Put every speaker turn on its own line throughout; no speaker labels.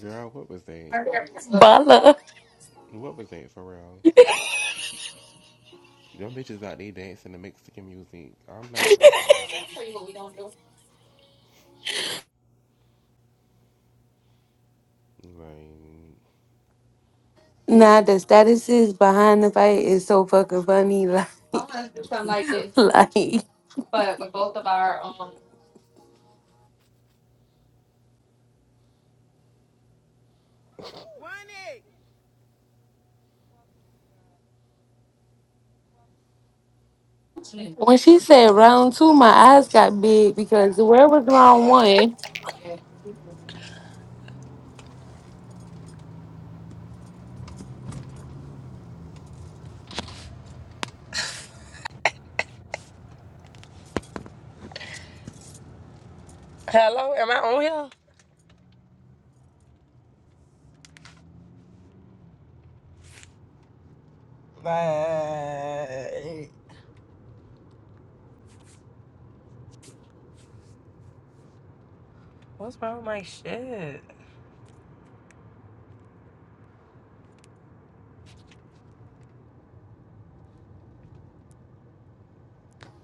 Girl, what was that?
Bala.
What was that for real? Them bitches out there dancing to Mexican music. I'm not without them. Like,
Nah, the statuses behind the fight is so fucking funny. Like, like
one it!
when she said round two, my eyes got big because where was round one?
Hello, am I on here? Like, What's wrong with my shit?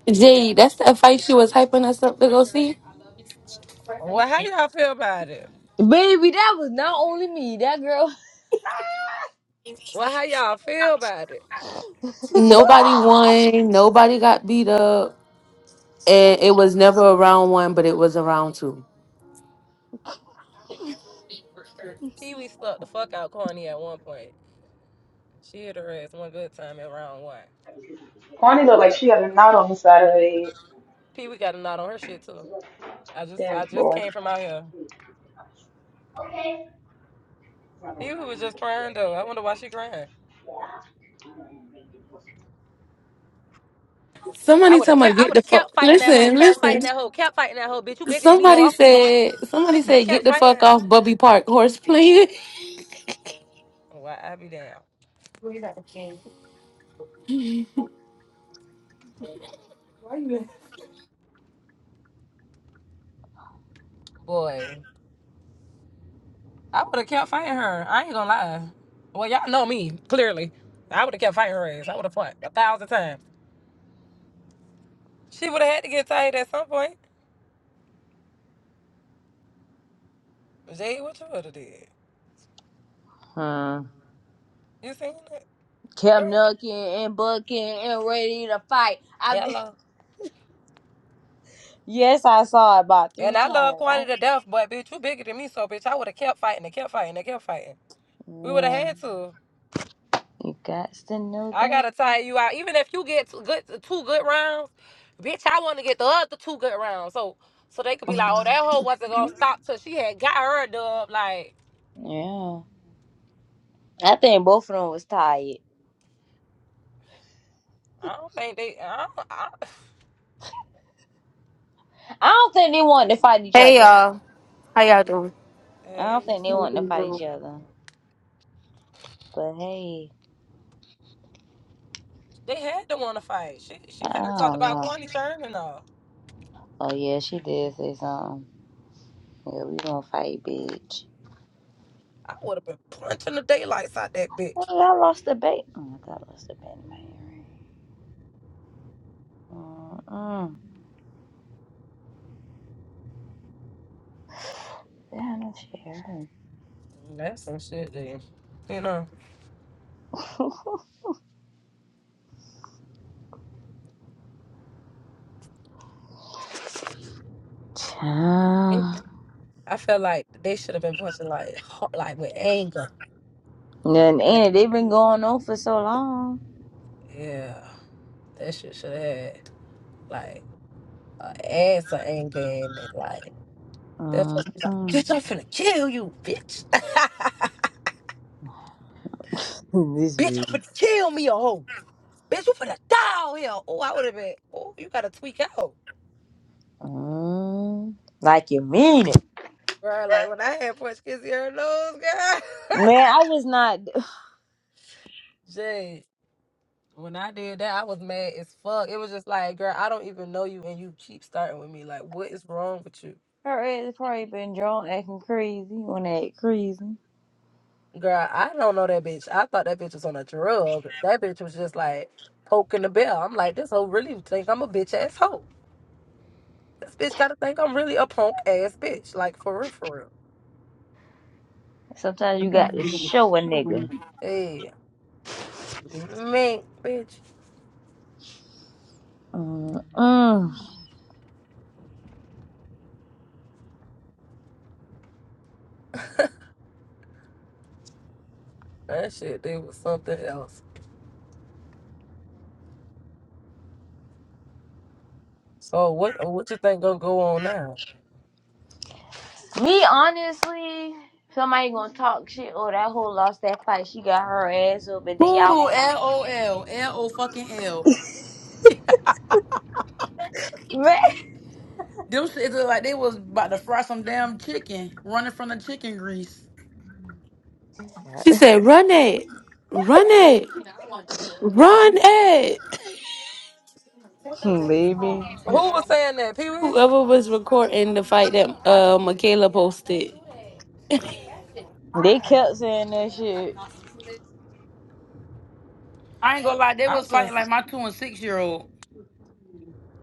Jade, that's that fight she was hyping us up to go see.
Well, how y'all feel about it?
Baby, that was not only me. That girl
Well, how y'all feel about it?
Nobody won. Nobody got beat up. And it was never a round one, but it was a round two.
Pee Wee stuck the fuck out Corny at one point. She hit her ass one good time at round one.
Kwani looked
But
like
uh,
she had a knot on the side of her head.
Pee Wee got a knot on her shit too. I just,
Damn
I just
boy.
came from out here. Pee Wee was just crying though. I wonder why she crying. I
Somebody
would
tell
have
me
kept, I
get
would
the
have
fuck.
kept fighting that hoe,
Listen,
kept
listen.
fighting that hoe, kept fighting that hoe. Bitch, you bigger than me, hoe. i
Somebody said.
she
Somebody
should have
said get
kept
the
fighting
fuck
her.
off Bubby Park horse playing.
Why I be down, boy. I would have kept fighting her. I ain't gonna lie. Well, y'all know me clearly. I would have kept fighting her ass. I would have fought a thousand times. She would have had to get tired at some point. Jade, what you would have did?
Hmm.
You seen it, girl?
kept knucking and bucking and ready to fight. I
Hello.
yes, I saw it about
And
three
I love
times. I,
Quantity to death, but bitch, you bigger than me, so bitch, I would have kept fighting and kept fighting and kept fighting. We would have
yeah,
had to.
you got to know
I
that.
gotta tire you out. Even if you get two good, two good rounds, bitch, I want to get the other two good rounds. So, so they could be like, oh, that hoe wasn't gonna stop till she had got her dub. Like.
Yeah, I think both of them was tired.
I don't think they. I, don't- I,
I don't think they wanted to fight each
Hey
other.
y'all, how y'all doing?
I don't
hey,
think they wanted to fight each other. But hey,
they had to want to fight. She, she had her
I
talked
don't
about
know.
Kwani Sherman. and all.
Oh yeah, she did say something. Yeah, we gonna fight, bitch.
I would have been punching the daylights out that
Hey,
bitch.
I lost the bait. Oh, I thought I lost the bait in my earring. Mm-mm. down a chair. and-
That's some shit, then. You know, They-
Child.
I feel like they should have been punching like, hard, like with anger.
And Annie, they've been going on for so long.
Yeah, that shit should have had like an ass of anger in it. Like they're supposed to be like,
Mm-mm.
bitch, I'm finna kill you, bitch.
this
bitch, I'm
video.
finna kill me a hoe. Bitch, you finna die out here. Oh, I would have been. Oh, you gotta tweak out.
Mm. Like you mean it.
Girl, like when I had Porch Kissy her nose, girl.
Man, I was not.
Jay, when I did that, I was mad as fuck. It was just like, girl, I don't even know you and you keep starting with me. Like, what is wrong with you?
Her ass probably been drawn acting crazy when they act crazy.
Girl, I don't know that bitch. I thought that bitch was on a drug. That bitch was just like poking the bell. I'm like, this hoe really think I'm a bitch ass hoe. This bitch gotta think I'm really a punk ass bitch. Like for real, for real.
Sometimes you got to show a nigga.
Hey, man, bitch.
Mm-mm.
That shit, they was something else. So what what you think gonna go on now?
Me, honestly, somebody gonna talk shit. Oh, that whole lost that fight. She got her ass up, and then y'all
Ooh, LOL, LO fucking L.
gonna.
Them shits look like they was about to fry some damn chicken, running from the chicken grease.
She said, "Run it, run it, run it."
Baby.
Who was saying that, Pee Wee?
Whoever was recording the fight that uh, Michaela posted.
They kept saying that shit.
I ain't gonna lie, they
I
was fighting
just,
like my two and six year old.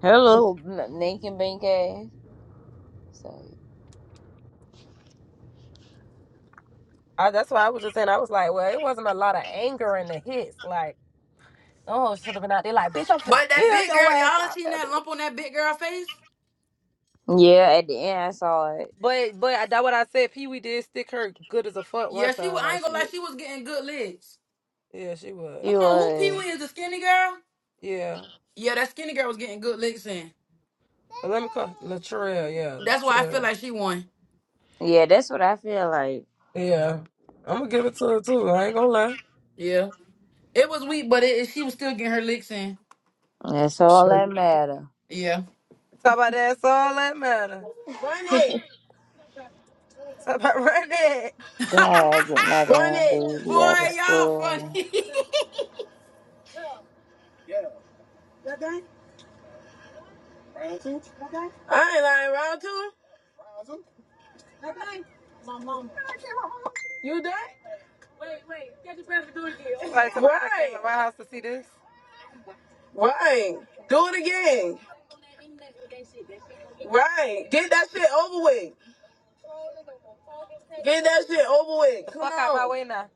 Her Hello, Lincoln Bank ass. So
I, that's why I was just saying. I was like, well, it wasn't a lot of anger in the hits. Like, oh, should have been out there like, bitch, I'm finna
But that
kill
big
your
girl,
ass
y'all
out
seen
there,
that lump
bitch.
on that big girl face?
yeah, at the end I saw it.
But, but I- that what I said. Pee Wee did stick her good as a fuck one
Yeah, she was.
time.
I
Like
ain't gonna
she,
lie, she was getting good licks.
yeah, she was,
Hold
She
on, who Pee
was.
Wee is the skinny girl?
yeah.
Yeah, that skinny girl was getting good licks in.
But let me call Latrell, yeah,
That's why I feel
Latrell,
like she won.
Yeah, that's what I feel like.
yeah. I'm gonna give it to her too. I ain't gonna lie.
Yeah, it was weak, but it, she was still getting her licks in.
That's all
Sure.
that matter.
Yeah.
Talk about that's all that matter. Run it. Talk about run it.
God, I get my damn
Boy,
baby out of
y'all funny.
school.
You somebody, somebody that came to Right. my house to see this. Get get that shit over with. Come Fuck on. out my way now.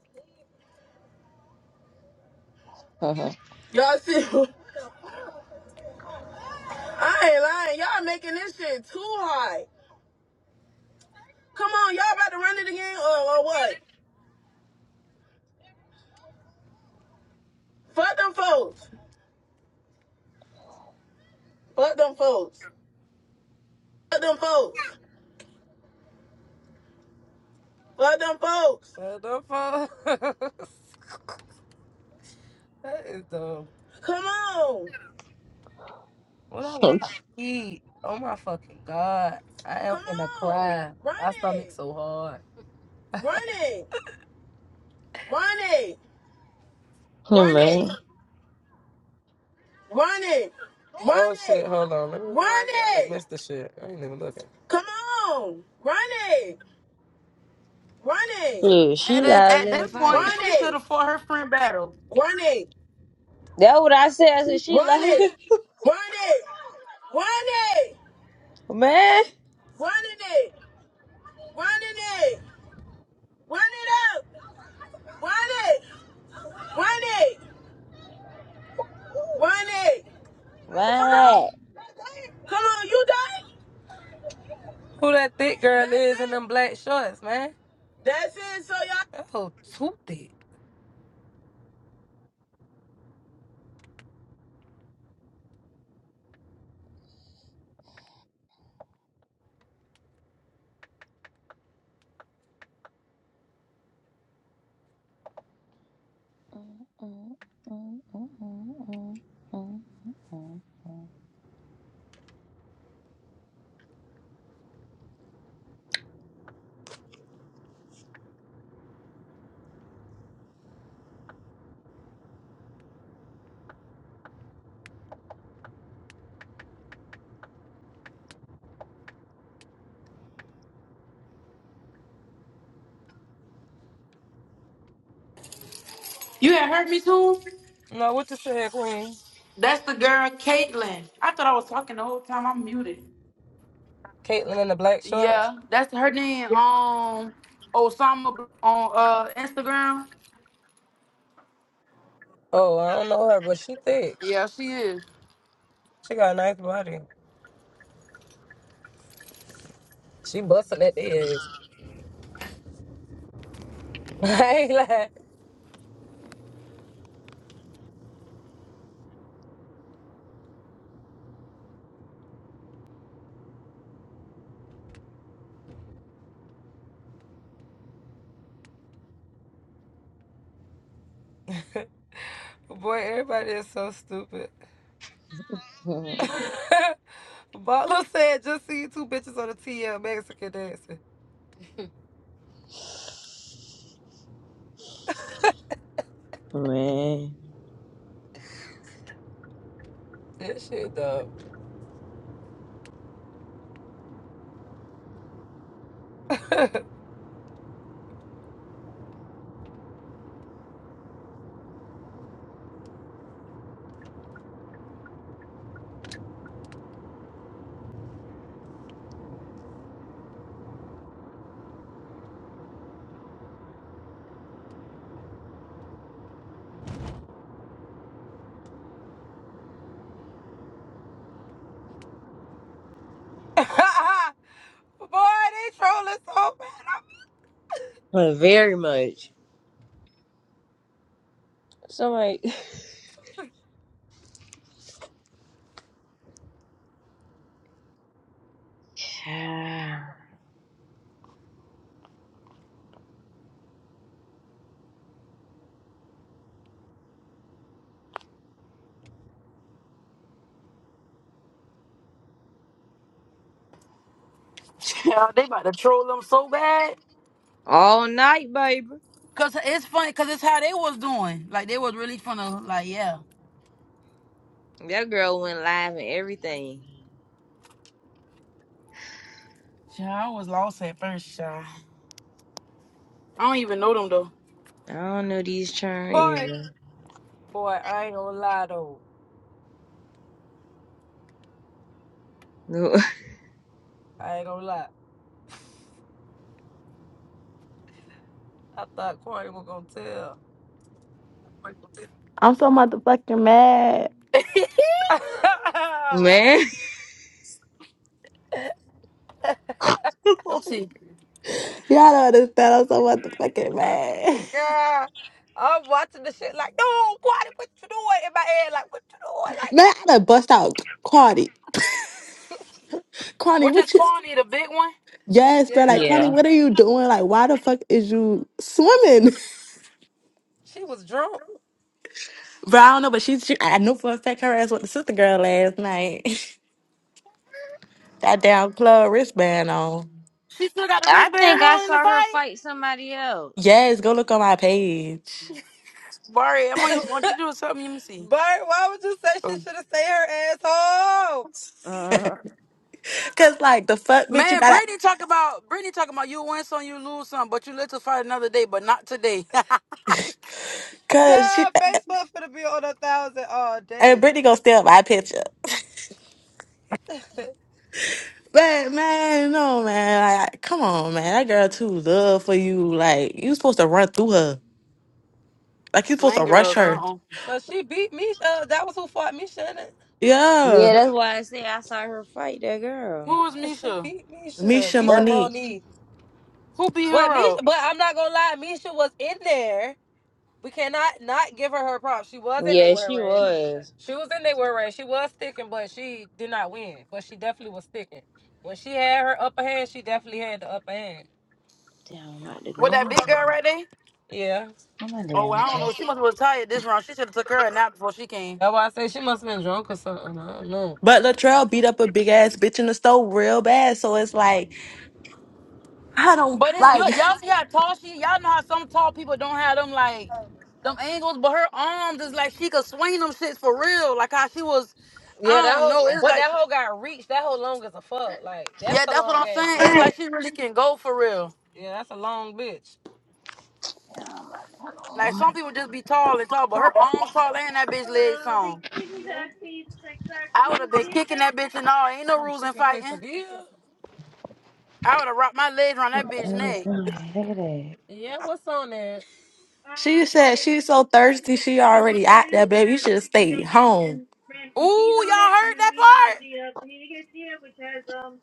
Y'all see I ain't lying. Y'all making this shit too hard. Come on, y'all about to run it again or, or what? Fuck them folks. Fuck them folks. Fuck them folks. Fuck them folks. Fuck them folks. that is dumb. Come on. What I want to eat? Oh my fucking god! I am Come gonna on. cry. Run My it. stomach so hard. Run it. Run it.
Yeah,
Run it.
man,
Run it. Run Oh shit, it. hold on. Let me Run I it. missed the shit. I ain't even looking. Come on. Run it. Run it.
yeah, she
At, at,
louder
at
than a
this
fight.
point,
Run
she should
it.
have fought her friend battle.
Run it.
That's what I said. I said she
Run it.
louder.
Run it. Run it.
Man,
Run it. Run it. Run it up. Run it. Run it. Run it. Come
why
on. Come on. You done? Who that thick girl That's is in it. them black shorts, man? That's it. So y'all. That whole too thick.
You had heard me too?
No, what you said, Queen?
That's the girl, Caitlyn. I thought I was talking the whole time. I'm muted.
Caitlyn in the black shorts.
Yeah, that's her name on Osama on uh Instagram.
Oh, I don't know her, but she thick.
Yeah, she is.
She got a nice body. She busting at the eggs. I ain't like, boy, everybody is so stupid.
that?
Butler said, just see you two bitches on the TL Mexican dancing.
Man.
That shit dumb. boy, they trolling so bad. I'm-
Very much. So like
Yeah, they about to troll them so bad.
all night, baby.
Cause it's funny, cause it's how they was doing. Like they was really funny. Like yeah,
That girl went live and everything.
yeah, I was lost at first. Yeah. I don't even know them though.
I don't know these churn
Boy,
either.
boy, I ain't gonna lie though. I ain't gonna lie. I thought Corey was gonna
I'm so motherfucking mad.
Let
tell.
Man.
me see.
Y'all don't understand. I'm so motherfucking mad.
Girl, I'm watching the shit like, no, Quadi, what you doing in my head? Like, what you doing? Like,
Man, I done bust out Cardi. Cardi,
Which is
what you?
Kwani, the big one?
Yes, bro. Like,
yeah,
Cardi,
Yeah.
what are you doing? Like, why the fuck is you swimming?
she was drunk.
Bro, I don't know, but she, she I knew for a fact her ass with the sister girl last night. that damn club wristband on.
She still got the
I think
wristband
I
on in the
saw her
fight.
fight somebody else.
Yes, go look on my page.
Barry, I'm on you. Want you to do something? Let me see.
But why would you say she
Oh.
should have stayed her ass home?
Uh,
Cause like the fuck, bitch, you
Man,
gotta.
Brittany talk about Brittany talking about you win some, you lose some, but you live to fight another day, but not today.
Cause she
Girl, Facebook's gonna be on a thousand all
and
day.
Brittany gonna steal my picture. But man, no man, like come on man, that girl too love for you. Like you supposed to run through her, like you supposed to
Slang girl,
rush
or
her.
something.
Cause she beat Misha. That was who fought Misha. innit?
Yeah,
yeah, that's why I say I saw her fight that girl.
Who is
Yeah, she
Misha?
beat Misha.
Misha
Misha
That
Monique.
Monique.
Who beat
But
her
Misha,
up?
but I'm not gonna lie, Misha was in there. We cannot not give her her props. She was in they
yeah,
were
she
race.
was.
She was in they were race. She was sticking, but she did not win. But she definitely was sticking. When she had her upper hand, she definitely had the upper hand.
Damn, I'm about to
With that
go.
big girl right there?
Yeah.
Oh my
Oh,
damn
well, I don't know. She
jacket.
must have was tired this round. She should have took her a nap before she came.
That's why I say she must have been drunk or something. I don't know.
But Latrell beat up a big ass bitch in the store real bad, so it's like I don't
But it's, you,
like.
y'all see how tall she? Y'all know how some tall people don't have them like them angles, but her arms is like she could swing them shits for real. Like how she was, I
Yeah, that
don't know.
whole
It's
but
like
that whole got reached. That whole long as a fuck. Like that's
Yeah,
a
that's what
long
I'm
ass
saying. It's
bitch.
like she really can go for real.
Yeah, that's a long bitch.
Oh
Like
my
some people just be tall and tall, but her arms tall and that bitch legs
Hello, the
long.
Chicken
I would
quesadilla.
have been kicking that bitch and all. Ain't no rules in
Chicken
fighting.
quesadilla.
I would have wrapped my legs around that bitch neck.
Look at
Yeah, what's on it?
She
Uh,
said
okay, we have
she's so
chicken wings.
thirsty,
We have
she
chicken
already
bacon
out there,
ribs. We
baby. You
have
should have
chicken
stayed
bacon
home.
and ranch
Ooh,
and cheese on
y'all
it. And
heard
then
that
we have
part?
the uh, panini quesadilla, which has um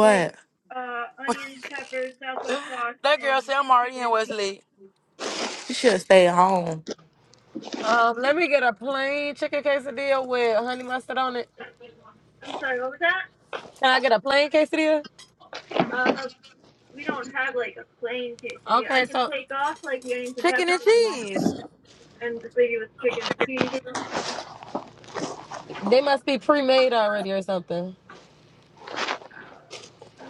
like uh onions, peppers, Southwest sauce,
That
and
girl said I'm already
chicken
in
and cheese.
Westlake.
She should have stayed home.
Um, let me get a plain chicken quesadilla with honey mustard on it. I'm sorry, what was that? Can I get a plain quesadilla? Uh, we don't have like a plain quesadilla. I Okay, can so take off like the onions and
Chicken
peppers
and
if you want,
cheese.
and just leave you with chicken and cheese. They must be pre-made already or something.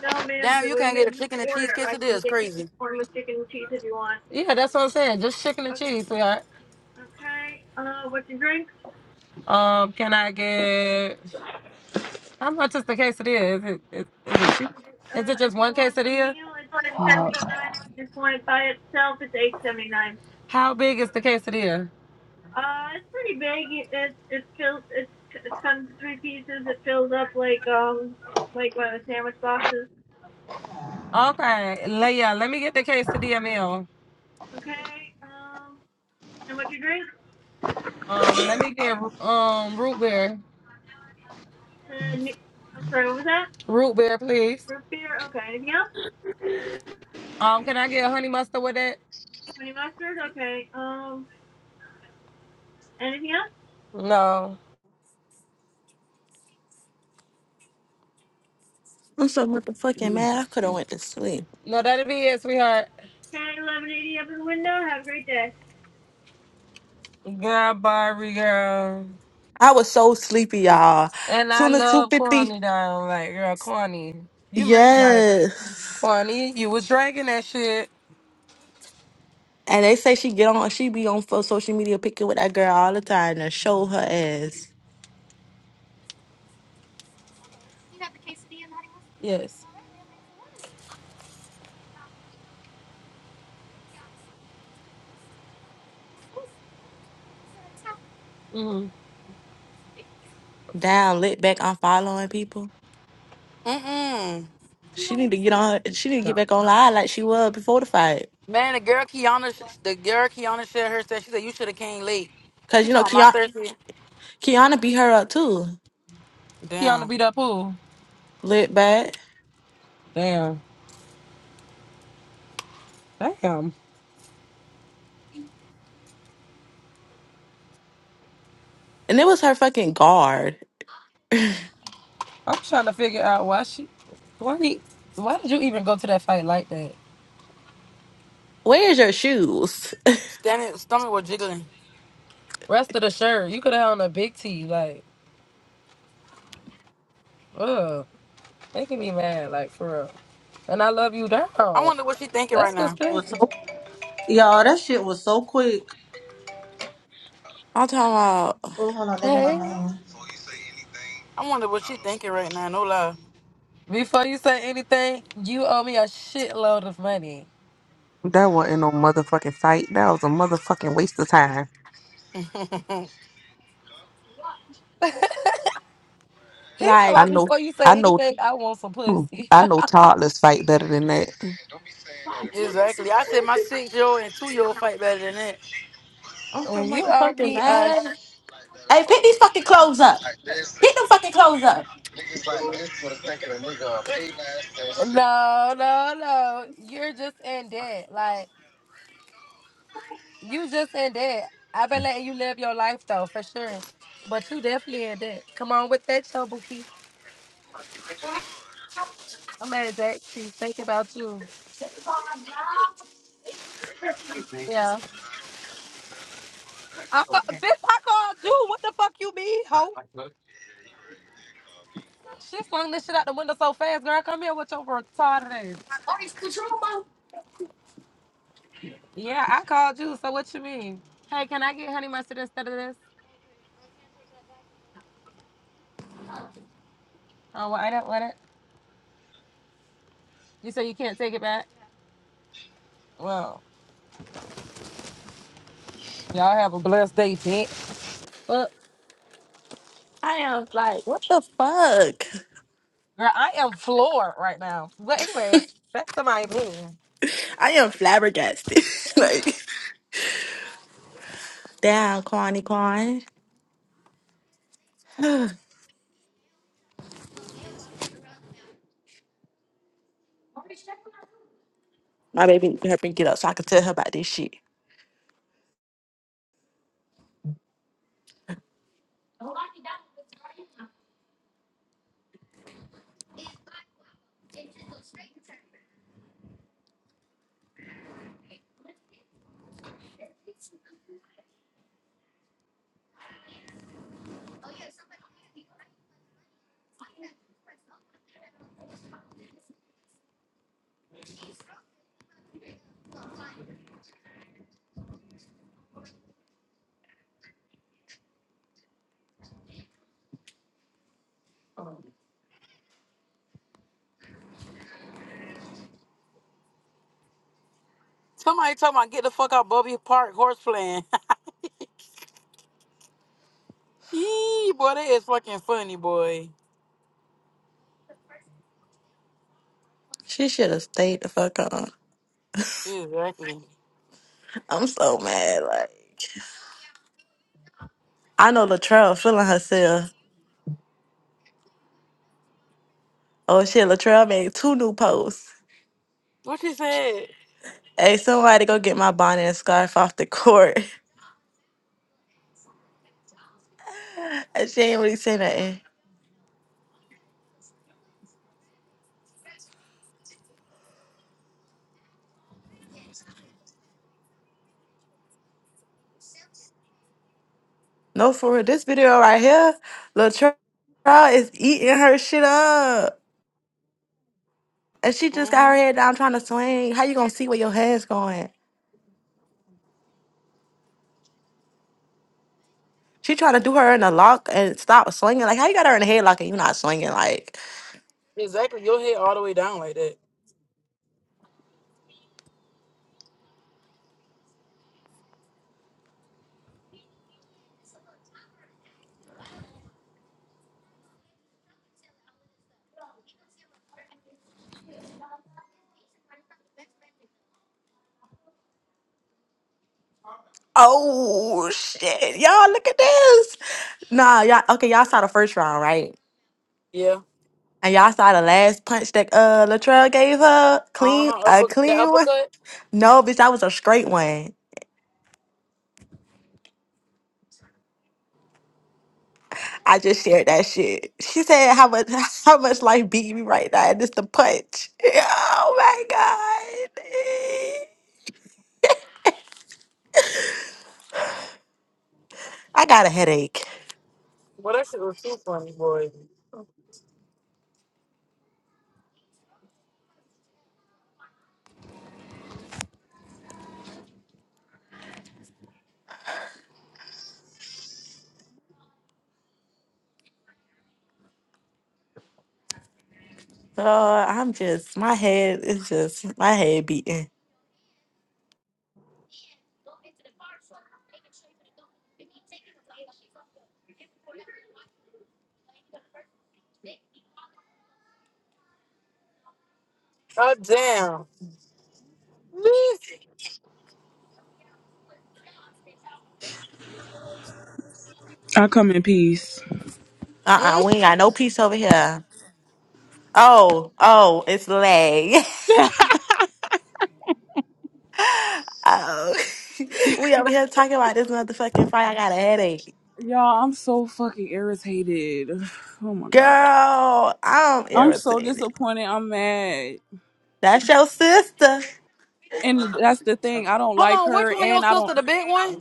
No, ma'am.
Damn,
So
you
we
can't get a
made
chicken
this
and cheese
order. I
quesadilla.
can
It's
get you this
crazy.
form of chicken and cheese if you want. Yeah, that's what I'm saying. Just chicken and Okay. cheese, sweetheart. Okay. Uh, what's your drink? Um, can I get how much is the quesadilla? Is it is, is it cheap? Uh, Is it if just you one you want the quesadilla? meal, it's ten
that.
seventy nine. If you just want it by itself, it's eight seventy nine. How big is the quesadilla? Uh, it's pretty big. It it fills it, it comes in three pieces. It fills up like um like one of the sandwich boxes. Okay, Leah, let me get the quesadilla meal. Okay. Um, and what you drink? Um, let me get um root beer. Uh, ne- I'm sorry. What was that? Root beer, please. Root beer. Okay. Anything else? Um, can I get honey mustard with it? Honey mustard. Okay. Um, anything else? No.
I'm so motherfucking mad. I could have went to sleep.
No, that'll be it, sweetheart. Okay. Eleven eighty up in the window. Have a great day. Girl, Barbie, girl.
I was so sleepy, y'all.
And I
Soon as two
love
fifty.
Corny down. Like, girl, Corny. You met, like,
Yes.
Corny, you was dragging that shit.
And they say she get on, she be on for social media picking with that girl all the time to show her ass
Yes. Mm-hmm.
down, lit back on following people.
Mm mm.
She need to get on her, she need to get back online like she was before the fight.
Man, the girl Kiana, sh- the girl Kiana shared her said she said you should have came late.
Cause
She
you know,
told my
Kiana,
thirsty.
Kiana beat her up too,
Kiana
Damn,
beat up who?
lit back.
Damn. Damn.
And it was her fucking guard.
I'm trying to figure out why she, why, he, why did you even go to that fight like that?
Where's your shoes?
stomach, stomach was jiggling.
Rest of the shirt, you could have on a big T. Like, ugh. Making me mad, like, for real. And I love you
I
down.
wonder what she thinking
That's
right
what's
now.
It was
crazy.
so y'all that shit was so quick.
I'm talking about,
Oh, hold on, that was my
Hey.
name.
I wonder what she thinking right now. No lie.
Before you say anything, you owe me a shitload of money.
That wasn't no motherfucking fight. That was a motherfucking waste of time.
He talking
I
about
like,
know,
before you
I
say
know,
anything, I want some
mm,
pussy.
I know toddlers fight better than that.
exactly. I said my six year old and two year old fight better than that.
I'm so
when you owe
motherfucking
me a
mad.
sh-
Hey, pick these fucking clothes up. Pick them fucking clothes up.
no, no, no, you're just in debt. Like you just in debt. I've been letting you live your life though, for sure. But you definitely in debt. Come on with that, Chobuki. I'm mad at that. She's thinking about you. Yeah. I ca- bitch, I called you. What the fuck you mean, hoe? She flung this shit out the window so fast, girl. Come here with your retarded ass. Yeah, I called you. So what you mean? Hey, can I get honey mustard instead of this? Oh, well, I don't want it. You say you can't take it back? Well, y'all have a blessed day, bitch. Well,
I am like, what the fuck?
girl, I am floored right now. But anyways, back to my opinion.
I am flabbergasted. like, damn, Kwani Kwan. My baby helped me get up so I could tell her about this shit.
Somebody talking about get the fuck out Bubby Park horse playing. Eee, boy, that is fucking funny, boy.
She should have stayed the fuck on.
Exactly.
I'm so mad. Like, I know Latrell feeling herself. Oh shit, Latrell made two new posts.
What she said.
Hey, somebody go get my bonnet and scarf off the court. and she ain't really saying nothing. No, for real. This video right here, Latrell is eating her shit up. And she just got
Mm-hmm.
her head down trying to swing. How you gonna see where your head's going? She tried to do her in a lock and stop swinging. Like, how you got her in a headlock and you not swinging? Like,
Exactly. Your head all the way down like that.
oh shit, y'all look at this. Nah, y'all okay. Y'all saw the first round, right?
Yeah.
And y'all saw the last punch that uh Latrell gave her
Uh
clean,
huh.
a
Upper, the
clean one.
uppercut.
No, bitch, that was a straight one. I just shared that shit. She said how much how much life beat me right now, and it's the punch. Oh my god, I got a headache.
Well, that shit was too funny, boy.
So I'm just, my head is just, my head beating.
Oh damn.
I come in peace.
Uh uh
Mm.
we ain't got no peace over here. Oh, oh, it's lag. oh, we over here talking about this motherfucking fight. I got a headache.
Y'all, I'm so fucking irritated. Oh my god.
Girl, I'm
I'm so
irritated.
disappointed. I'm mad.
That's your sister.
And that's the thing. I don't
Hold
like
on. Which
her
one
and
your
I don't
sister? The big one?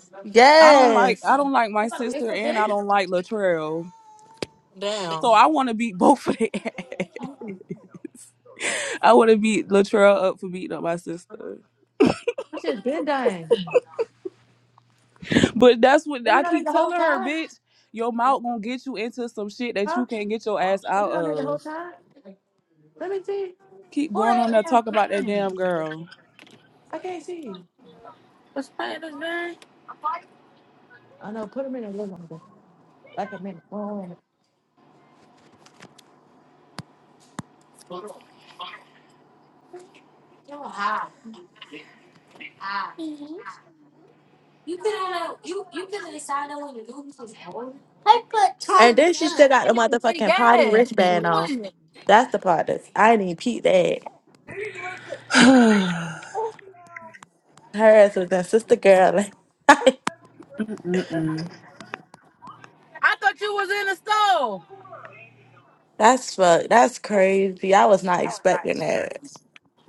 I don't like I
Yes.
don't like my sister and I don't like Latrell.
Damn.
So I want to beat both of them. I want to beat Latrell up for beating up my sister. But that's what I keep telling her, bitch. Your mouth gonna get you into some shit that you can't get your ass out of. Keep
Who the
going on
hell
there
is this?
talk about that damn girl.
What's playing this game?
And then she still got the
not even getting
motherfucking
gas.
party
What
wristband on.
you doing?
That's the part that's, I didn't even peep that. Hers was that sister girl.
Mm-mm.
I thought you was in the store.
That's fuck. That's crazy. I was not expecting that.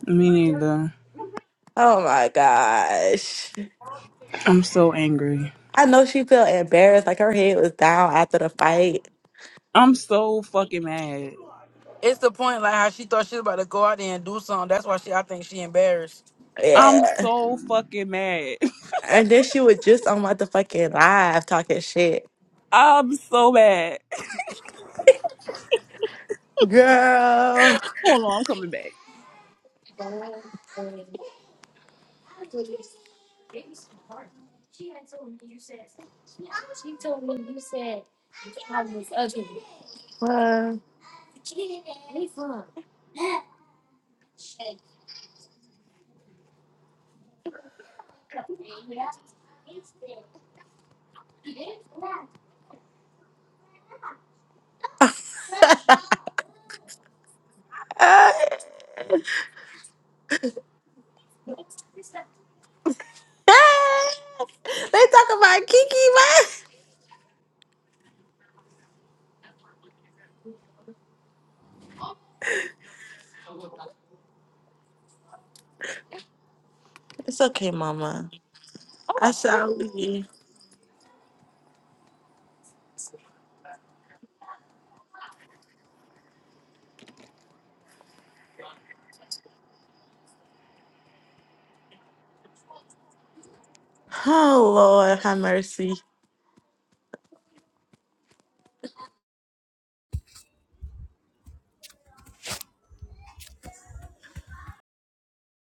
Me neither.
Oh my gosh.
I'm so angry.
I know she felt embarrassed, like her head was down after the fight.
I'm so fucking mad.
It's the point like how she thought she was about to go out there and do something. That's why she I think she embarrassed.
I'm
Yeah.
so fucking mad.
And then she was just on my the fucking live talking shit.
I'm so mad.
Girl.
Hold on, I'm coming back.
they talk about Kiki, man. It's okay, mama. I shall leave. Oh Lord, have mercy.